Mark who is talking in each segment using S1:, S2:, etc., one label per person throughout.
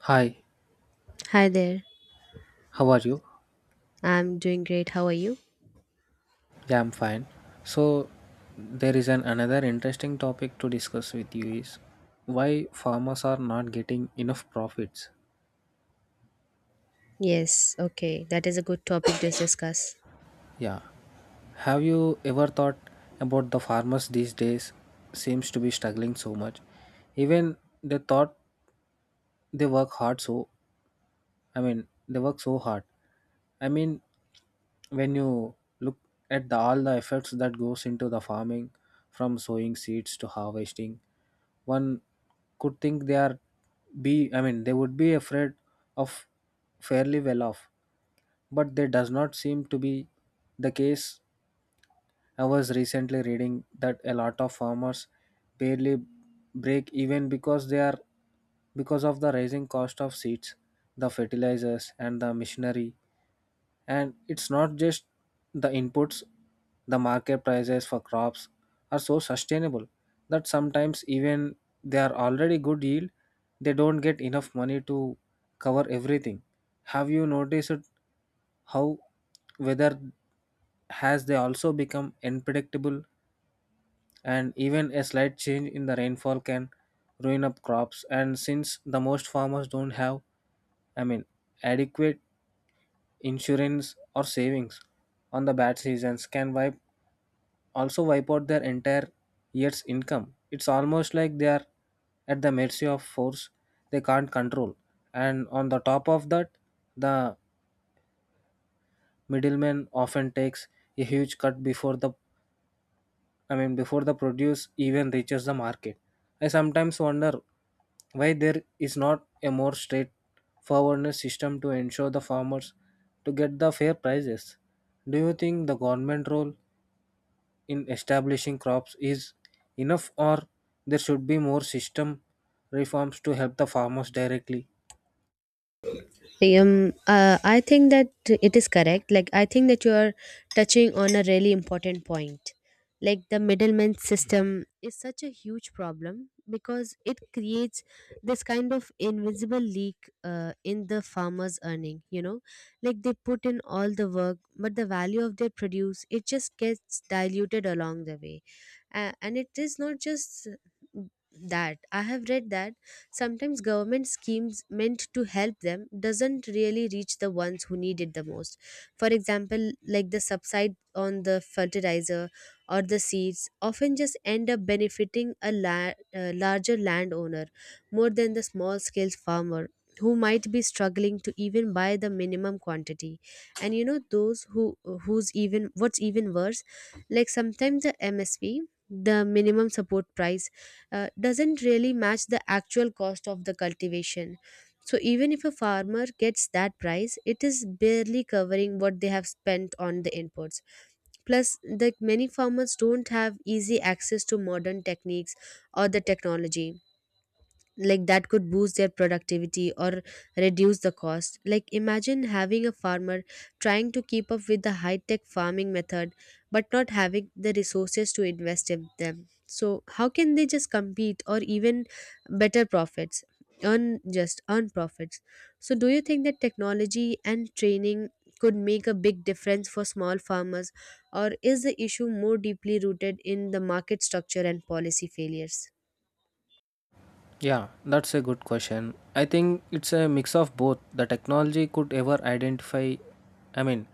S1: Hi,
S2: Hi there.
S1: how are you?
S2: I'm doing great. How are you?
S1: Yeah, I'm fine. So there is an another interesting topic to discuss with you is why farmers are not getting enough profits.
S2: Yes, okay. That is a good topic to discuss.
S1: Yeah. Have you ever thought about the farmers these days seems to be struggling so much? Even they thought they work hard so I mean they work so hard. I mean when you look at all the efforts that goes into the farming from sowing seeds to harvesting one could think they are be I mean they would be afraid of fairly well off, but they does not seem to be the case. I was recently reading that a lot of farmers barely break even because they are because of the rising cost of seeds, the fertilizers and the machinery. And it's not just the inputs, the market prices for crops are so sustainable that sometimes even they are already good yield, they don't get enough money to cover everything. Have you noticed how weather has they also become unpredictable, and even a slight change in the rainfall can ruin up crops, and since the most farmers don't have, I mean, adequate insurance or savings on the bad seasons can wipe also wipe out their entire year's income. It's almost like they are at the mercy of force they can't control. And on the top of that, the middleman often takes a huge cut before the I mean before the produce even reaches the market. I sometimes wonder why there is not a more straightforward system to ensure the farmers to get the fair prices. Do you think the government role in establishing crops is enough, or there should be more system reforms to help the farmers directly?
S2: um I think that it is correct. Like, I think that you are touching on a really important point. Like, the middleman system is such a huge problem because it creates this kind of invisible leak, in the farmers earning, like they put in all the work, but the value of their produce, it just gets diluted along the way. And it is not just that. I have read that sometimes government schemes meant to help them doesn't really reach the ones who need it the most. For example, like the subside on the fertilizer or the seeds often just end up benefiting a larger landowner more than the small scale farmer, who might be struggling to even buy the minimum quantity. And you know those who's even, what's even worse, like sometimes the msp, the minimum support price, doesn't really match the actual cost of the cultivation. So even if a farmer gets that price, it is barely covering what they have spent on the inputs. Plus, the many farmers don't have easy access to modern techniques or the technology, like that could boost their productivity or reduce the cost. Like, imagine having a farmer trying to keep up with the high tech farming method, but not having the resources to invest in them. So how can they just compete or even better profits, earn profits? So do you think that technology and training could make a big difference for small farmers, or is the issue more deeply rooted in the market structure and policy failures?
S1: Yeah, that's a good question. I think it's a mix of both. The technology could ever identify I mean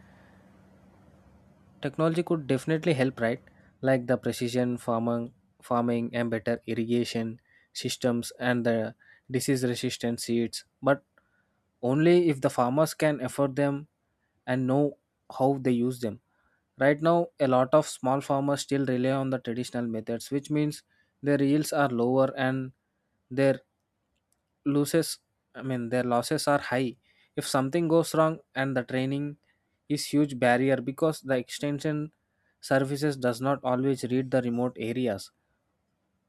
S1: Technology could definitely help, right? Like the precision farming and better irrigation systems and the disease resistant seeds, but only if the farmers can afford them and know how they use them. Right now, a lot of small farmers still rely on the traditional methods, which means their yields are lower and their losses, I mean, their losses are high. If something goes wrong, and the training is huge barrier because the extension services does not always read the remote areas.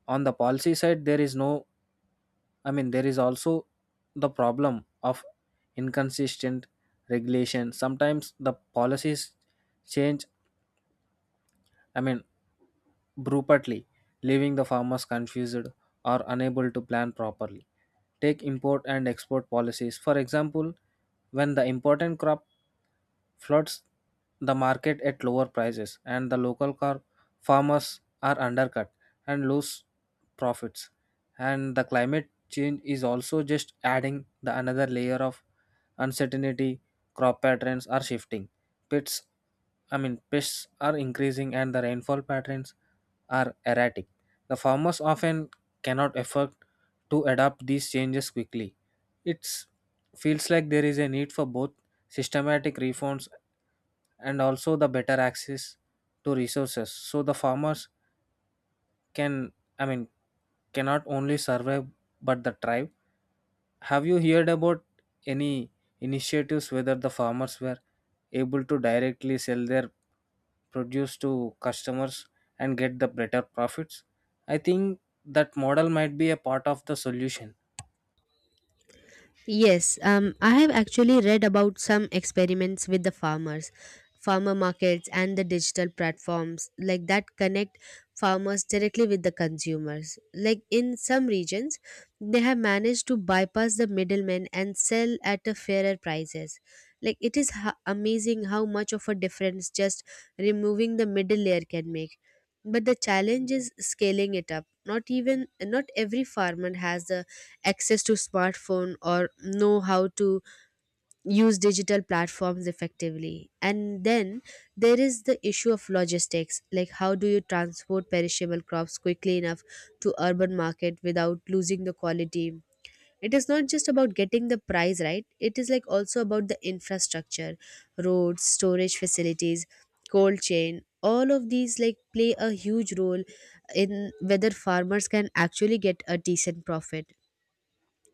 S1: On the policy side, there is no, I mean, there is also the problem of inconsistent regulation. Sometimes the policies change, I mean, brutally, leaving the farmers confused or unable to plan properly. Take import and export policies. For example, when the important crop floods the market at lower prices and the local car farmers are undercut and lose profits. And the climate change is also just adding the another layer of uncertainty, crop patterns are shifting. Pits Pests are increasing and the rainfall patterns are erratic. The farmers often cannot afford to adapt these changes quickly. It feels like there is a need for both systematic reforms and also the better access to resources so the farmers can, I mean, cannot only survive but the thrive. Have you heard about any initiatives whether the farmers were able to directly sell their produce to customers and get the better profits? I think that model might be a part of the solution.
S2: Yes, I have actually read about some experiments with farmer markets and the digital platforms like that connect farmers directly with the consumers. Like in some regions, they have managed to bypass the middlemen and sell at a fairer prices. Like, it is amazing how much of a difference just removing the middle layer can make. But the challenge is scaling it up. Not every farmer has the access to smartphone or know how to use digital platforms effectively. And then there is the issue of logistics, like how do you transport perishable crops quickly enough to urban market without losing the quality. It is not just about getting the price right, it is like also about the infrastructure: roads, storage facilities, cold chain, all of these like play a huge role in whether farmers can actually get a decent profit.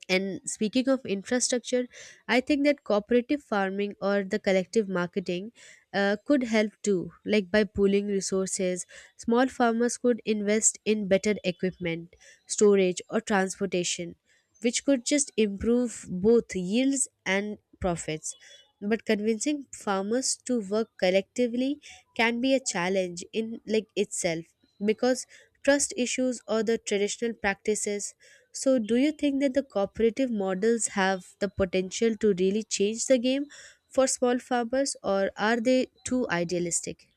S2: And speaking of infrastructure, I think that cooperative farming or the collective marketing, could help too, like by pooling resources. Small farmers could invest in better equipment, storage, or transportation, which could just improve both yields and profits. But convincing farmers to work collectively can be a challenge in like itself, because trust issues or the traditional practices. So do you think that the cooperative models have the potential to really change the game for small farmers, or are they too idealistic?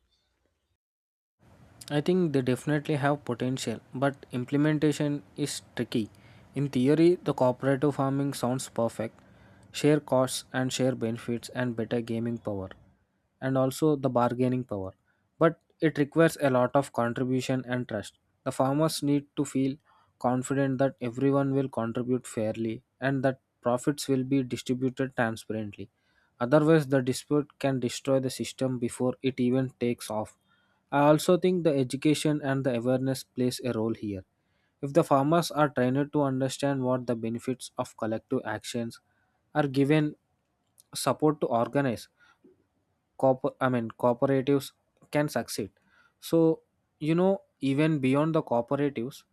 S1: I think they definitely have potential, but implementation is tricky. In theory, the cooperative farming sounds perfect, share costs and share benefits and better gaming power, and also the bargaining power. But it requires a lot of contribution and trust. The farmers need to feel confident that everyone will contribute fairly and that profits will be distributed transparently. Otherwise, the dispute can destroy the system before it even takes off. I also think the education and the awareness plays a role here. If the farmers are trained to understand what the benefits of collective actions are given support to organize cooperatives can succeed. So you know even beyond the cooperatives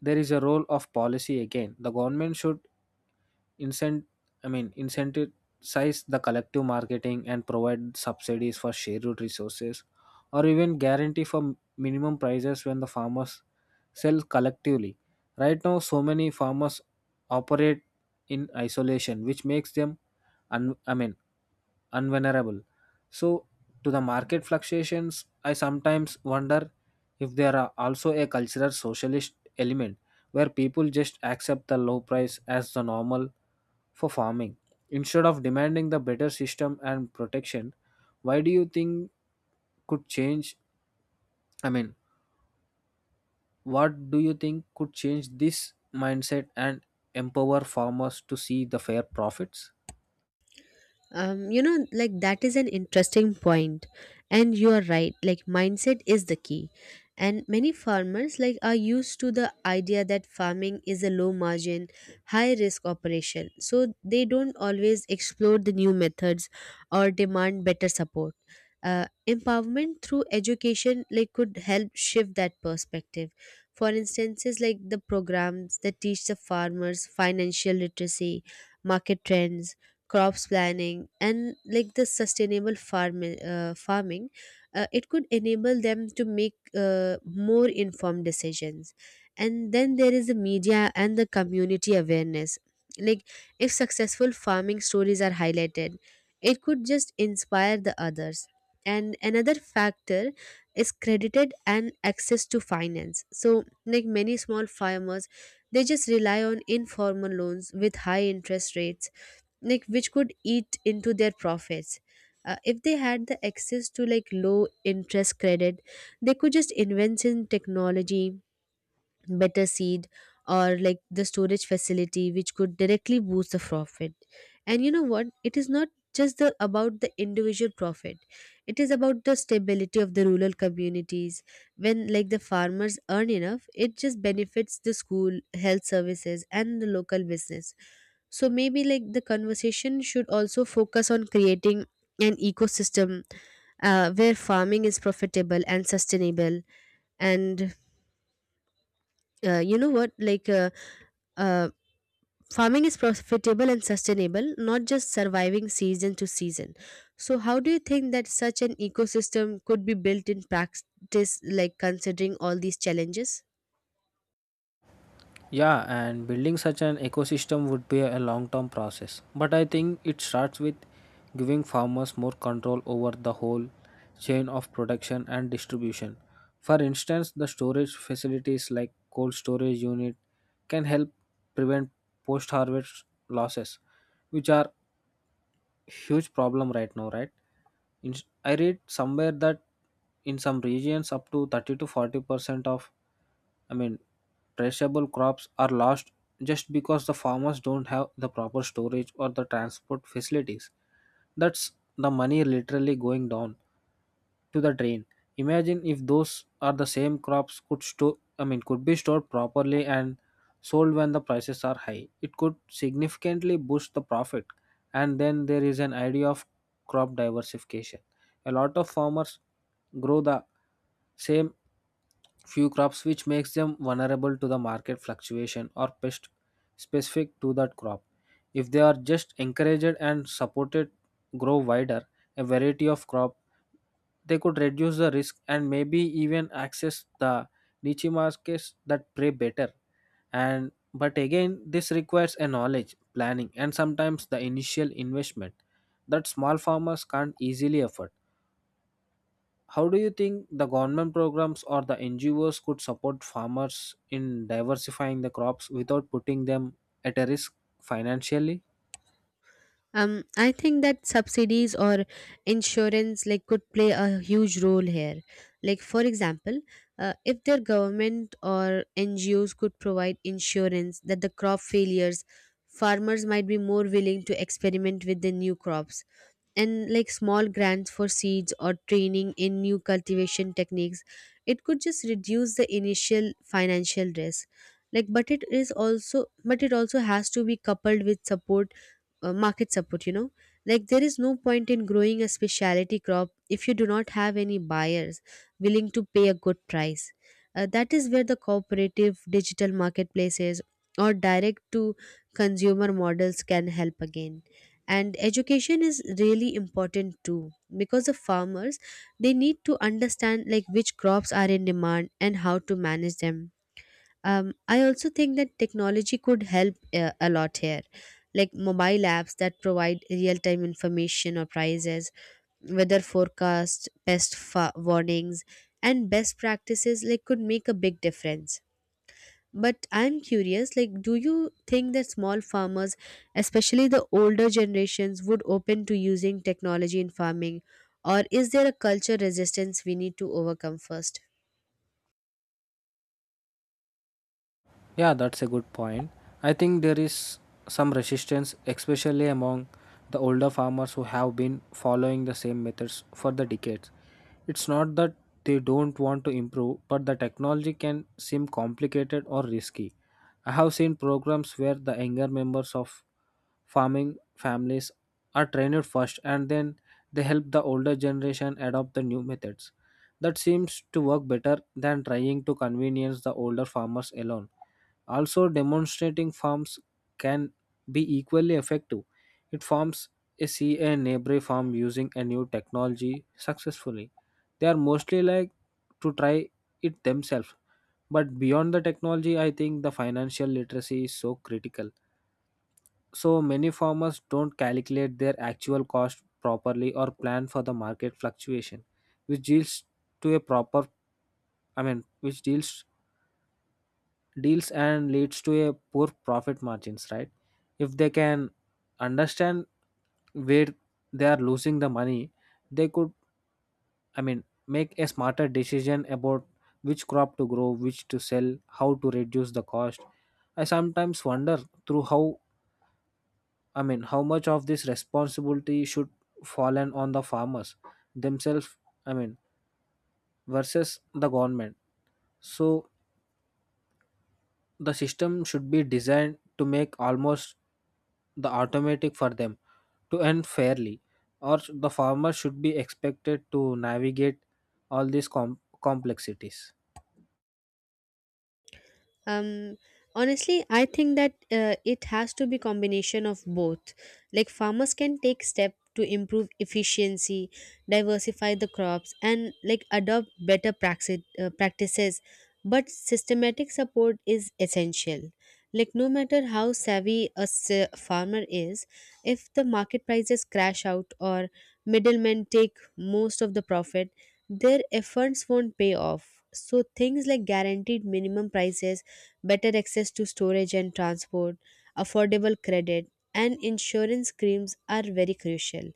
S1: there is a role of policy again. The government should incent incentivize the collective marketing and provide subsidies for shared resources or even guarantee for minimum prices when the farmers sell collectively. Right now so many farmers operate in isolation which makes them un- I mean unvulnerable. So to the market fluctuations, I sometimes wonder if there are also a cultural socialist element where people just accept the low price as the normal for farming instead of demanding the better system and protection. Why do you think could change I mean What do you think could change this mindset and empower farmers to see the fair profits?
S2: You know, like, that is an interesting point, and you are right. Like, mindset is the key, and many farmers like are used to the idea that farming is a low margin, high risk operation, so they don't always explore the new methods or demand better support. Empowerment through education like could help shift that perspective. For instances, like the programs that teach the farmers financial literacy, market trends, crops planning, and like the sustainable farming, it could enable them to make more informed decisions. And then there is the media and the community awareness, like, if successful farming stories are highlighted, it could just inspire the others. And another factor is credited and access to finance. So like many small farmers, they just rely on informal loans with high interest rates, like which could eat into their profits. If they had the access to like low interest credit, they could just invest in technology, better seed, or like the storage facility, which could directly boost the profit. And you know what, it is not just the about the individual profit, it is about the stability of the rural communities. When like the farmers earn enough, it just benefits the school, health services, and the local business. So maybe like the conversation should also focus on creating an ecosystem, where farming is profitable and sustainable. And you know what like uh, farming is profitable and sustainable, not just surviving season to season. So how do you think that such an ecosystem could be built in practice, like considering all these challenges?
S1: Yeah, and building such an ecosystem would be a long term process. But I think it starts with giving farmers more control over the whole chain of production and distribution. For instance, the storage facilities like cold storage unit can help prevent post harvest losses, which are huge problem right now, right? In, I read somewhere that in some regions up to 30 to 40% of, I mean, traceable crops are lost just because the farmers don't have the proper storage or the transport facilities. That's the money literally going down to the drain. Imagine if those are the same crops could store I mean could be stored properly and sold when the prices are high. It could significantly boost the profit. And then there is an idea of crop diversification. A lot of farmers grow the same few crops which makes them vulnerable to the market fluctuation or pest specific to that crop. If they are just encouraged and supported grow wider a variety of crop, they could reduce the risk and maybe even access the niche markets that pay better. And but again this requires a knowledge planning and sometimes the initial investment that small farmers can't easily afford. How do you think the government programs or the NGOs could support farmers in diversifying the crops without putting them at a risk financially?
S2: I think that subsidies or insurance like could play a huge role here. Like for example, if their government or NGOs could provide insurance that the crop failures, farmers might be more willing to experiment with the new crops. And like small grants for seeds or training in new cultivation techniques, it could just reduce the initial financial risk. Like, but it also has to be coupled with support, market support, you know, like there is no point in growing a specialty crop if you do not have any buyers willing to pay a good price. That is where the cooperative digital marketplaces or direct to consumer models can help again. And education is really important too, because the farmers, they need to understand like which crops are in demand and how to manage them. I also think that technology could help a lot here, like mobile apps that provide real time information or prices, weather forecast, warnings, and best practices like could make a big difference. But I'm curious, like, do you think that small farmers, especially the older generations, would open to using technology in farming, or is there a culture resistance we need to overcome first?
S1: Yeah, that's a good point. I think there is some resistance, especially among the older farmers who have been following the same methods for the decades. It's not that they don't want to improve, but the technology can seem complicated or risky. I have seen programs where the younger members of farming families are trained first and then they help the older generation adopt the new methods. That seems to work better than trying to convenience the older farmers alone. Also, demonstrating farms can be equally effective. It farms a C A neighbor farm using a new technology successfully. They are mostly like to try it themselves. But beyond the technology, I think the financial literacy is so critical. So many farmers don't calculate their actual cost properly or plan for the market fluctuation, which deals to a proper I mean which deals deals and leads to a poor profit margins, right? If they can understand where they are losing the money, they could, I mean, make a smarter decision about which crop to grow, which to sell, how to reduce the cost. I sometimes wonder through how I mean how much of this responsibility should fallen on the farmers themselves, I mean, versus the government. So the system should be designed to make almost the automatic for them to earn fairly, or the farmer should be expected to navigate all these complexities?
S2: um Honestly, I think that it has to be combination of both. Like, farmers can take step to improve efficiency, diversify the crops, and like adopt better practices. But systematic support is essential. Like no matter how savvy a farmer is, if the market prices crash out or middlemen take most of the profit, their efforts won't pay off. So things like guaranteed minimum prices, better access to storage and transport, affordable credit, and insurance schemes are very crucial.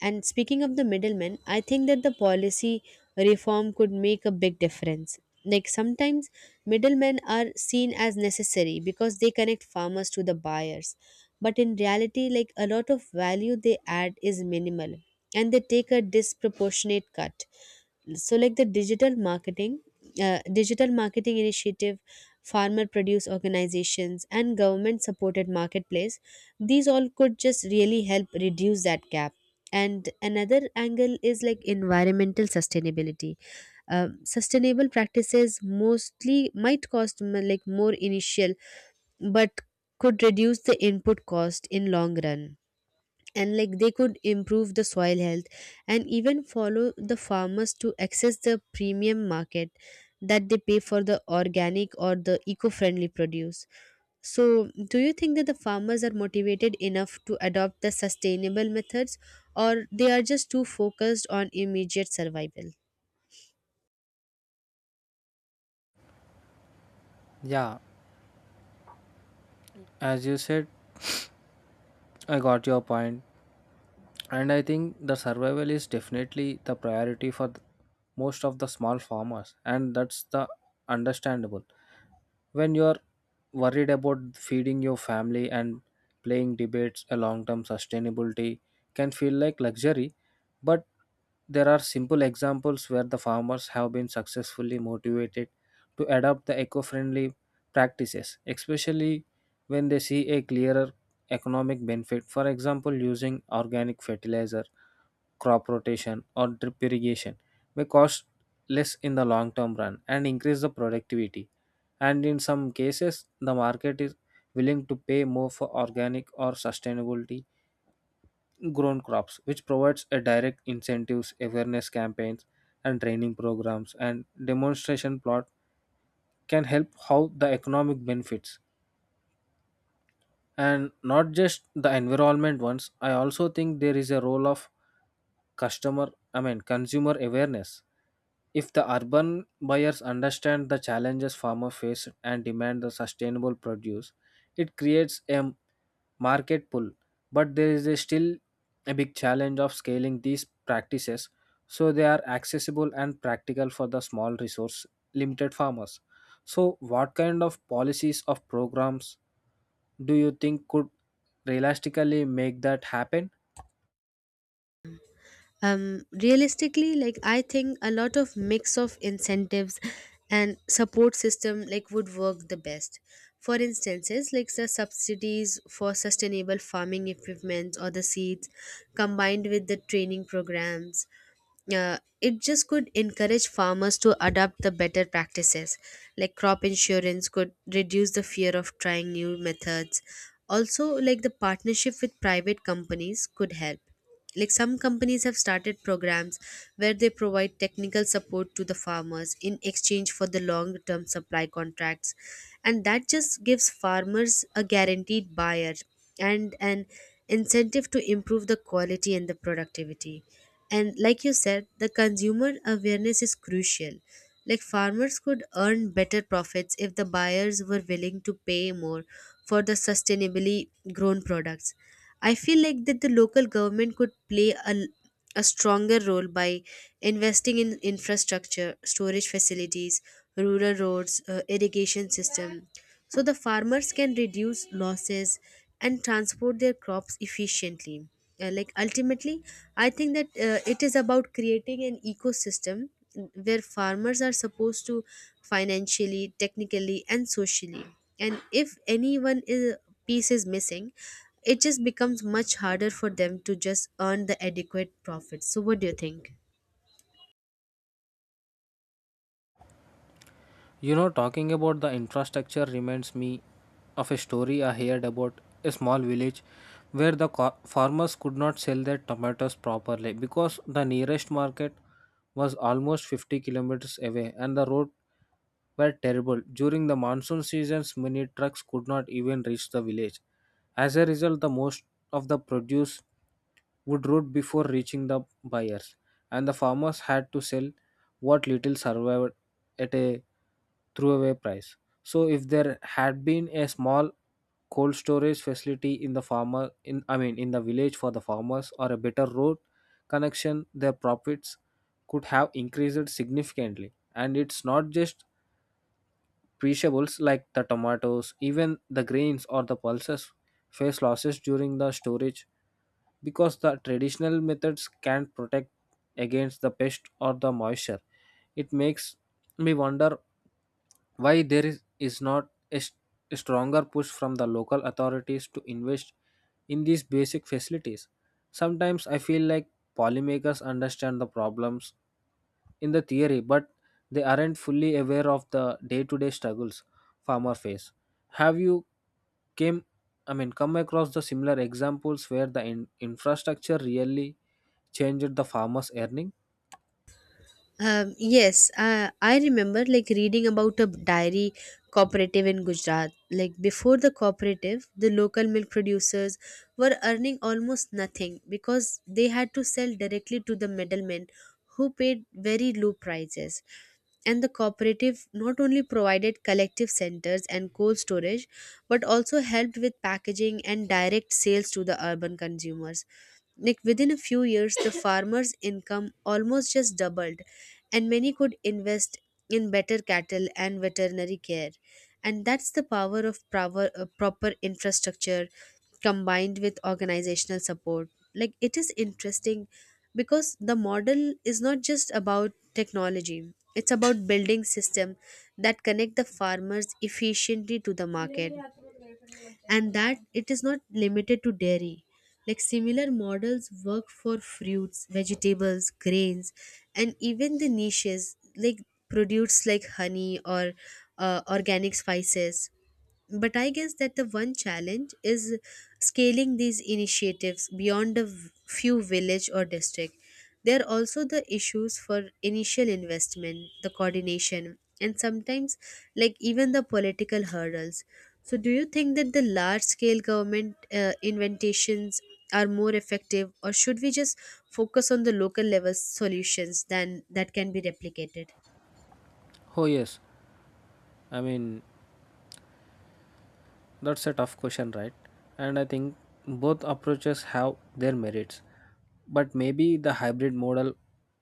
S2: And speaking of the middlemen, I think that the policy reform could make a big difference. Like sometimes middlemen are seen as necessary because they connect farmers to the buyers. But in reality, like a lot of value they add is minimal, and they take a disproportionate cut. So like the digital marketing initiative, farmer produce organizations, and government supported marketplace, these all could just really help reduce that gap. And another angle is like environmental sustainability. Sustainable practices mostly might cost like more initial, but could reduce the input cost in long run. And like they could improve the soil health, and even follow the farmers to access the premium market that they pay for the organic or the eco-friendly produce. So do you think that the farmers are motivated enough to adopt the sustainable methods, or they are just too focused on immediate survival?
S1: Yeah, as you said, I got your point. And I think the survival is definitely the priority for most of the small farmers and that's the understandable. When you're worried about feeding your family and playing debates a long-term sustainability can feel like luxury. But there are simple examples where the farmers have been successfully motivated to adopt the eco-friendly practices, especially when they see a clearer economic benefit. For example, using organic fertilizer, crop rotation or drip irrigation may cost less in the long term run and increase the productivity. And in some cases the market is willing to pay more for organic or sustainability grown crops, which provides a direct incentives awareness campaigns and training programs and demonstration plot can help how the economic benefits and not just the environment ones. I also think there is a role of customer I mean consumer awareness. If the urban buyers understand the challenges farmers face and demand the sustainable produce, it creates a market pull. But there is a still a big challenge of scaling these practices so they are accessible and practical for the small resource limited farmers. So what kind of policies of programs do you think could realistically make that happen?
S2: Realistically, like I think a lot of mix of incentives and support system like would work the best. For instances, like the subsidies for sustainable farming equipment or the seeds, combined with the training programs, it just could encourage farmers to adopt the better practices. Like crop insurance could reduce the fear of trying new methods. Also, like the partnership with private companies could help. Like some companies have started programs where they provide technical support to the farmers in exchange for the long term supply contracts. And that just gives farmers a guaranteed buyer and an incentive to improve the quality and the productivity. And like you said, the consumer awareness is crucial. Like farmers could earn better profits if the buyers were willing to pay more for the sustainably grown products. I feel like that the local government could play a stronger role by investing in infrastructure, storage facilities, rural roads, irrigation system, so the farmers can reduce losses and transport their crops efficiently. Like ultimately, I think that it is about creating an ecosystem where farmers are supposed to financially, technically, and socially. And if anyone is piece is missing, it just becomes much harder for them to just earn the adequate profits. So what do you think?
S1: You know, talking about the infrastructure reminds me of a story I heard about a small village where the farmers could not sell their tomatoes properly because the nearest market was almost 50 kilometers away and the road were terrible. During the monsoon seasons, many trucks could not even reach the village. As a result, the most of the produce would rot before reaching the buyers, and the farmers had to sell what little survived at a throwaway price. So if there had been a small cold storage facility in the farmer in I mean in the village for the farmers or a better road connection, their profits could have increased significantly. And it's not just perishables like the tomatoes, even the grains or the pulses face losses during the storage because the traditional methods can't protect against the pest or the moisture. It makes me wonder why there is not a stronger push from the local authorities to invest in these basic facilities. Sometimes I feel like policymakers understand the problems in the theory, but they aren't fully aware of the day-to-day struggles farmers face. Have you came, come across the similar examples where the infrastructure really changed the farmer's earning?
S2: Yes, I remember like reading about a dairy cooperative in Gujarat. Like before the cooperative, the local milk producers were earning almost nothing because they had to sell directly to the middlemen who paid very low prices. And the cooperative not only provided collective centers and cold storage but also helped with packaging and direct sales to the urban consumers. Like within a few years, the farmers' income almost just doubled and many could invest in better cattle and veterinary care. And that's the power of proper infrastructure combined with organizational support. Like it is interesting because the model is not just about technology. It's about building system that connect the farmers efficiently to the market, and that it is not limited to dairy. Like similar models work for fruits, vegetables, grains, and even the niches like produce like honey or organic spices. But I guess that the one challenge is scaling these initiatives beyond a few village or district. There are also the issues for initial investment, the coordination, and sometimes like even the political hurdles. So do you think that the large scale government inventations are more effective, or should we just focus on the local level solutions than that can be replicated?
S1: Oh yes, I mean That's a tough question, right? And I think both approaches have their merits. But maybe the hybrid model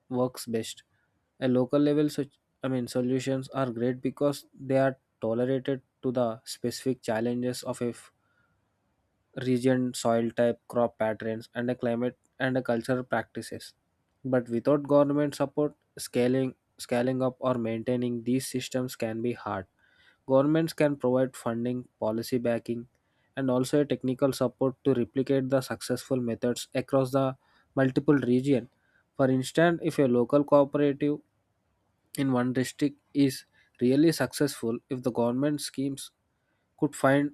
S1: works best. A local level such I mean solutions are great because they are tolerated to the specific challenges of a region, soil type, crop patterns, and a climate and a cultural practices. But without government support, scaling up or maintaining these systems can be hard. Governments can provide funding, policy backing, and also a technical support to replicate the successful methods across the multiple region. For instance, if a local cooperative in one district is really successful, if the government schemes could find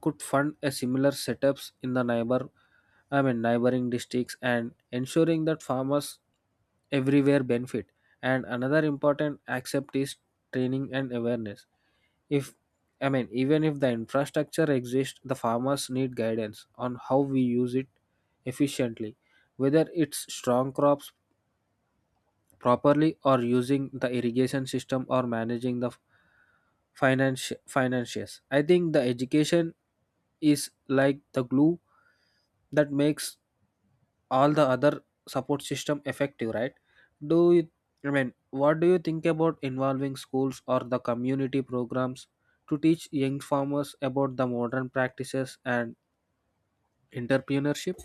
S1: could fund a similar setups in the neighboring districts and ensuring that farmers everywhere benefit. And another important aspect is training and awareness. If I mean Even if the infrastructure exists, the farmers need guidance on how we use it efficiently, whether it's strong crops properly or using the irrigation system or managing the finances. I think the education is like the glue that makes all the other support system effective, right? Do you I mean What do you think about involving schools or the community programs to teach young farmers about the modern practices and entrepreneurship?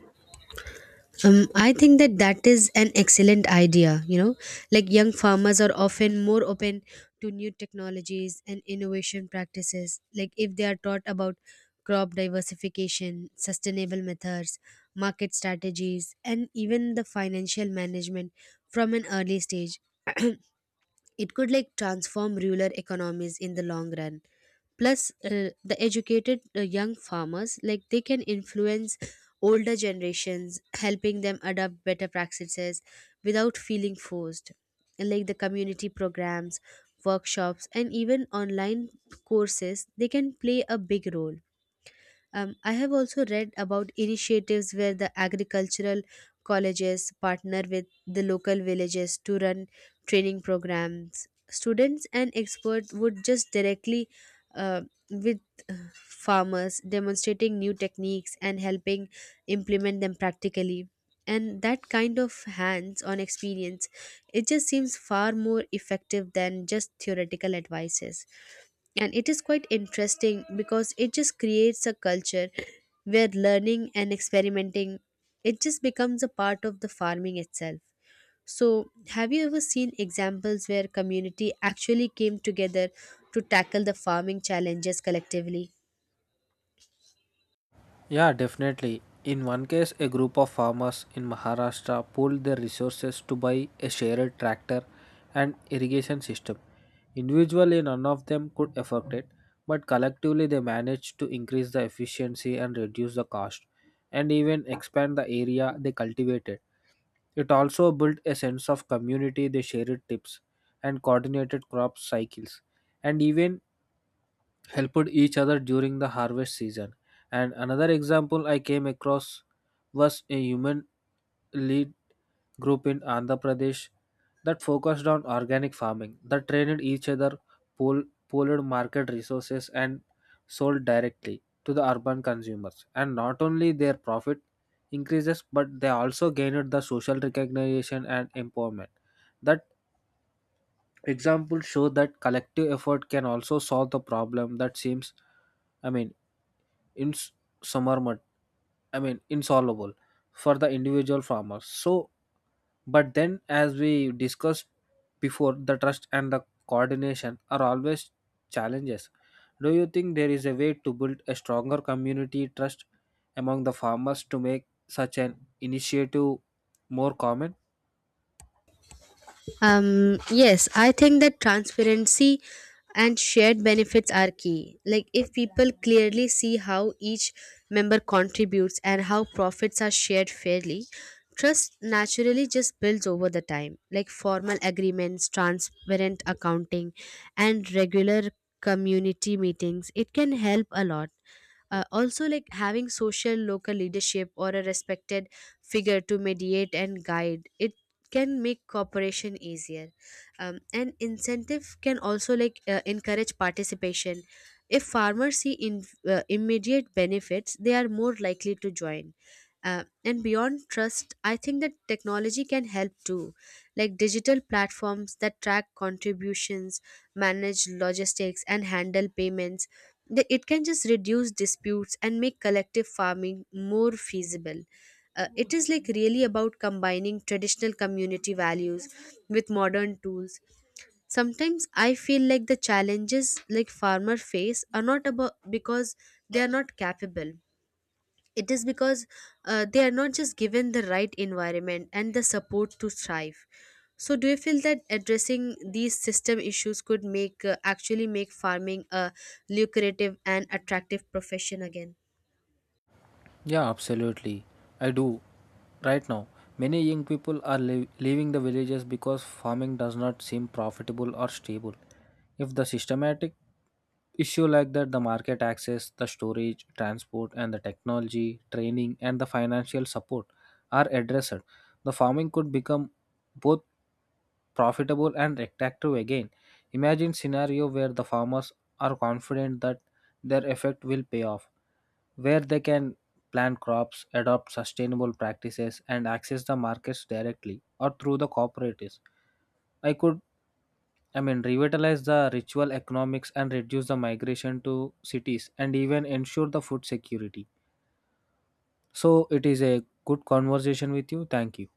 S2: I think that that is an excellent idea. You know, like young farmers are often more open to new technologies and innovation practices. Like if they are taught about crop diversification, sustainable methods, market strategies, and even the financial management from an early stage. It could like transform rural economies in the long run. Plus the educated young farmers, like they can influence older generations, helping them adopt better practices without feeling forced. And, like the community programs, workshops, and even online courses, they can play a big role. I have also read about initiatives where the agricultural colleges partner with the local villages to run training programs. Students and experts would just directly uh, with farmers, demonstrating new techniques and helping implement them practically. And that kind of hands on experience, it just seems far more effective than just theoretical advices. And it is quite interesting because it just creates a culture where learning and experimenting, it just becomes a part of the farming itself. So have you ever seen examples where community actually came together to tackle the farming challenges collectively?
S1: Yeah, definitely. In one case, a group of farmers in Maharashtra pooled their resources to buy a shared tractor and irrigation system. Individually, none of them could afford it, but collectively, they managed to increase the efficiency and reduce the cost, and even expand the area they cultivated. It also built a sense of community, they shared tips and coordinated crop cycles, and even helped each other during the harvest season. And another example I came across was a human lead group in Andhra Pradesh that focused on organic farming, that trained each other, pool, pooled market resources, and sold directly to the urban consumers. And not only their profit increases, but they also gained the social recognition and empowerment that Examples show that collective effort can also solve the problem that seems, I mean, in summer, I mean, insolvable for the individual farmers. So, but then, as we discussed before, the trust and the coordination are always challenges. Do you think there is a way to build a stronger community trust among the farmers to make such an initiative more common?
S2: Yes, I think that transparency and shared benefits are key. Like, if people clearly see how each member contributes and how profits are shared fairly, trust naturally just builds over the time. Like, formal agreements, transparent accounting, and regular community meetings, it can help a lot. Also, like having social local leadership or a respected figure to mediate and guide it can make cooperation easier. And incentive can also like encourage participation. If farmers see in, immediate benefits, they are more likely to join. And beyond trust, I think that technology can help too, like digital platforms that track contributions, manage logistics, and handle payments. It can just reduce disputes and make collective farming more feasible. It is like really about combining traditional community values with modern tools. Sometimes I feel like the challenges like farmer face are not about because they are not capable, it is because they are not just given the right environment and the support to thrive. So do you feel that addressing these system issues could make actually make farming a lucrative and attractive profession again?
S1: Yeah, absolutely. I do. Right now, many young people are leaving the villages because farming does not seem profitable or stable. If the systematic issue like that, the market access, the storage, transport, and the technology, training, and the financial support are addressed, the farming could become both profitable and attractive again. Imagine scenario where the farmers are confident that their effort will pay off, where they can plant crops, adopt sustainable practices and access the markets directly or through the cooperatives. I could I mean Revitalize the ritual economics and reduce the migration to cities and even ensure the food security. So it is a good conversation with you. Thank you.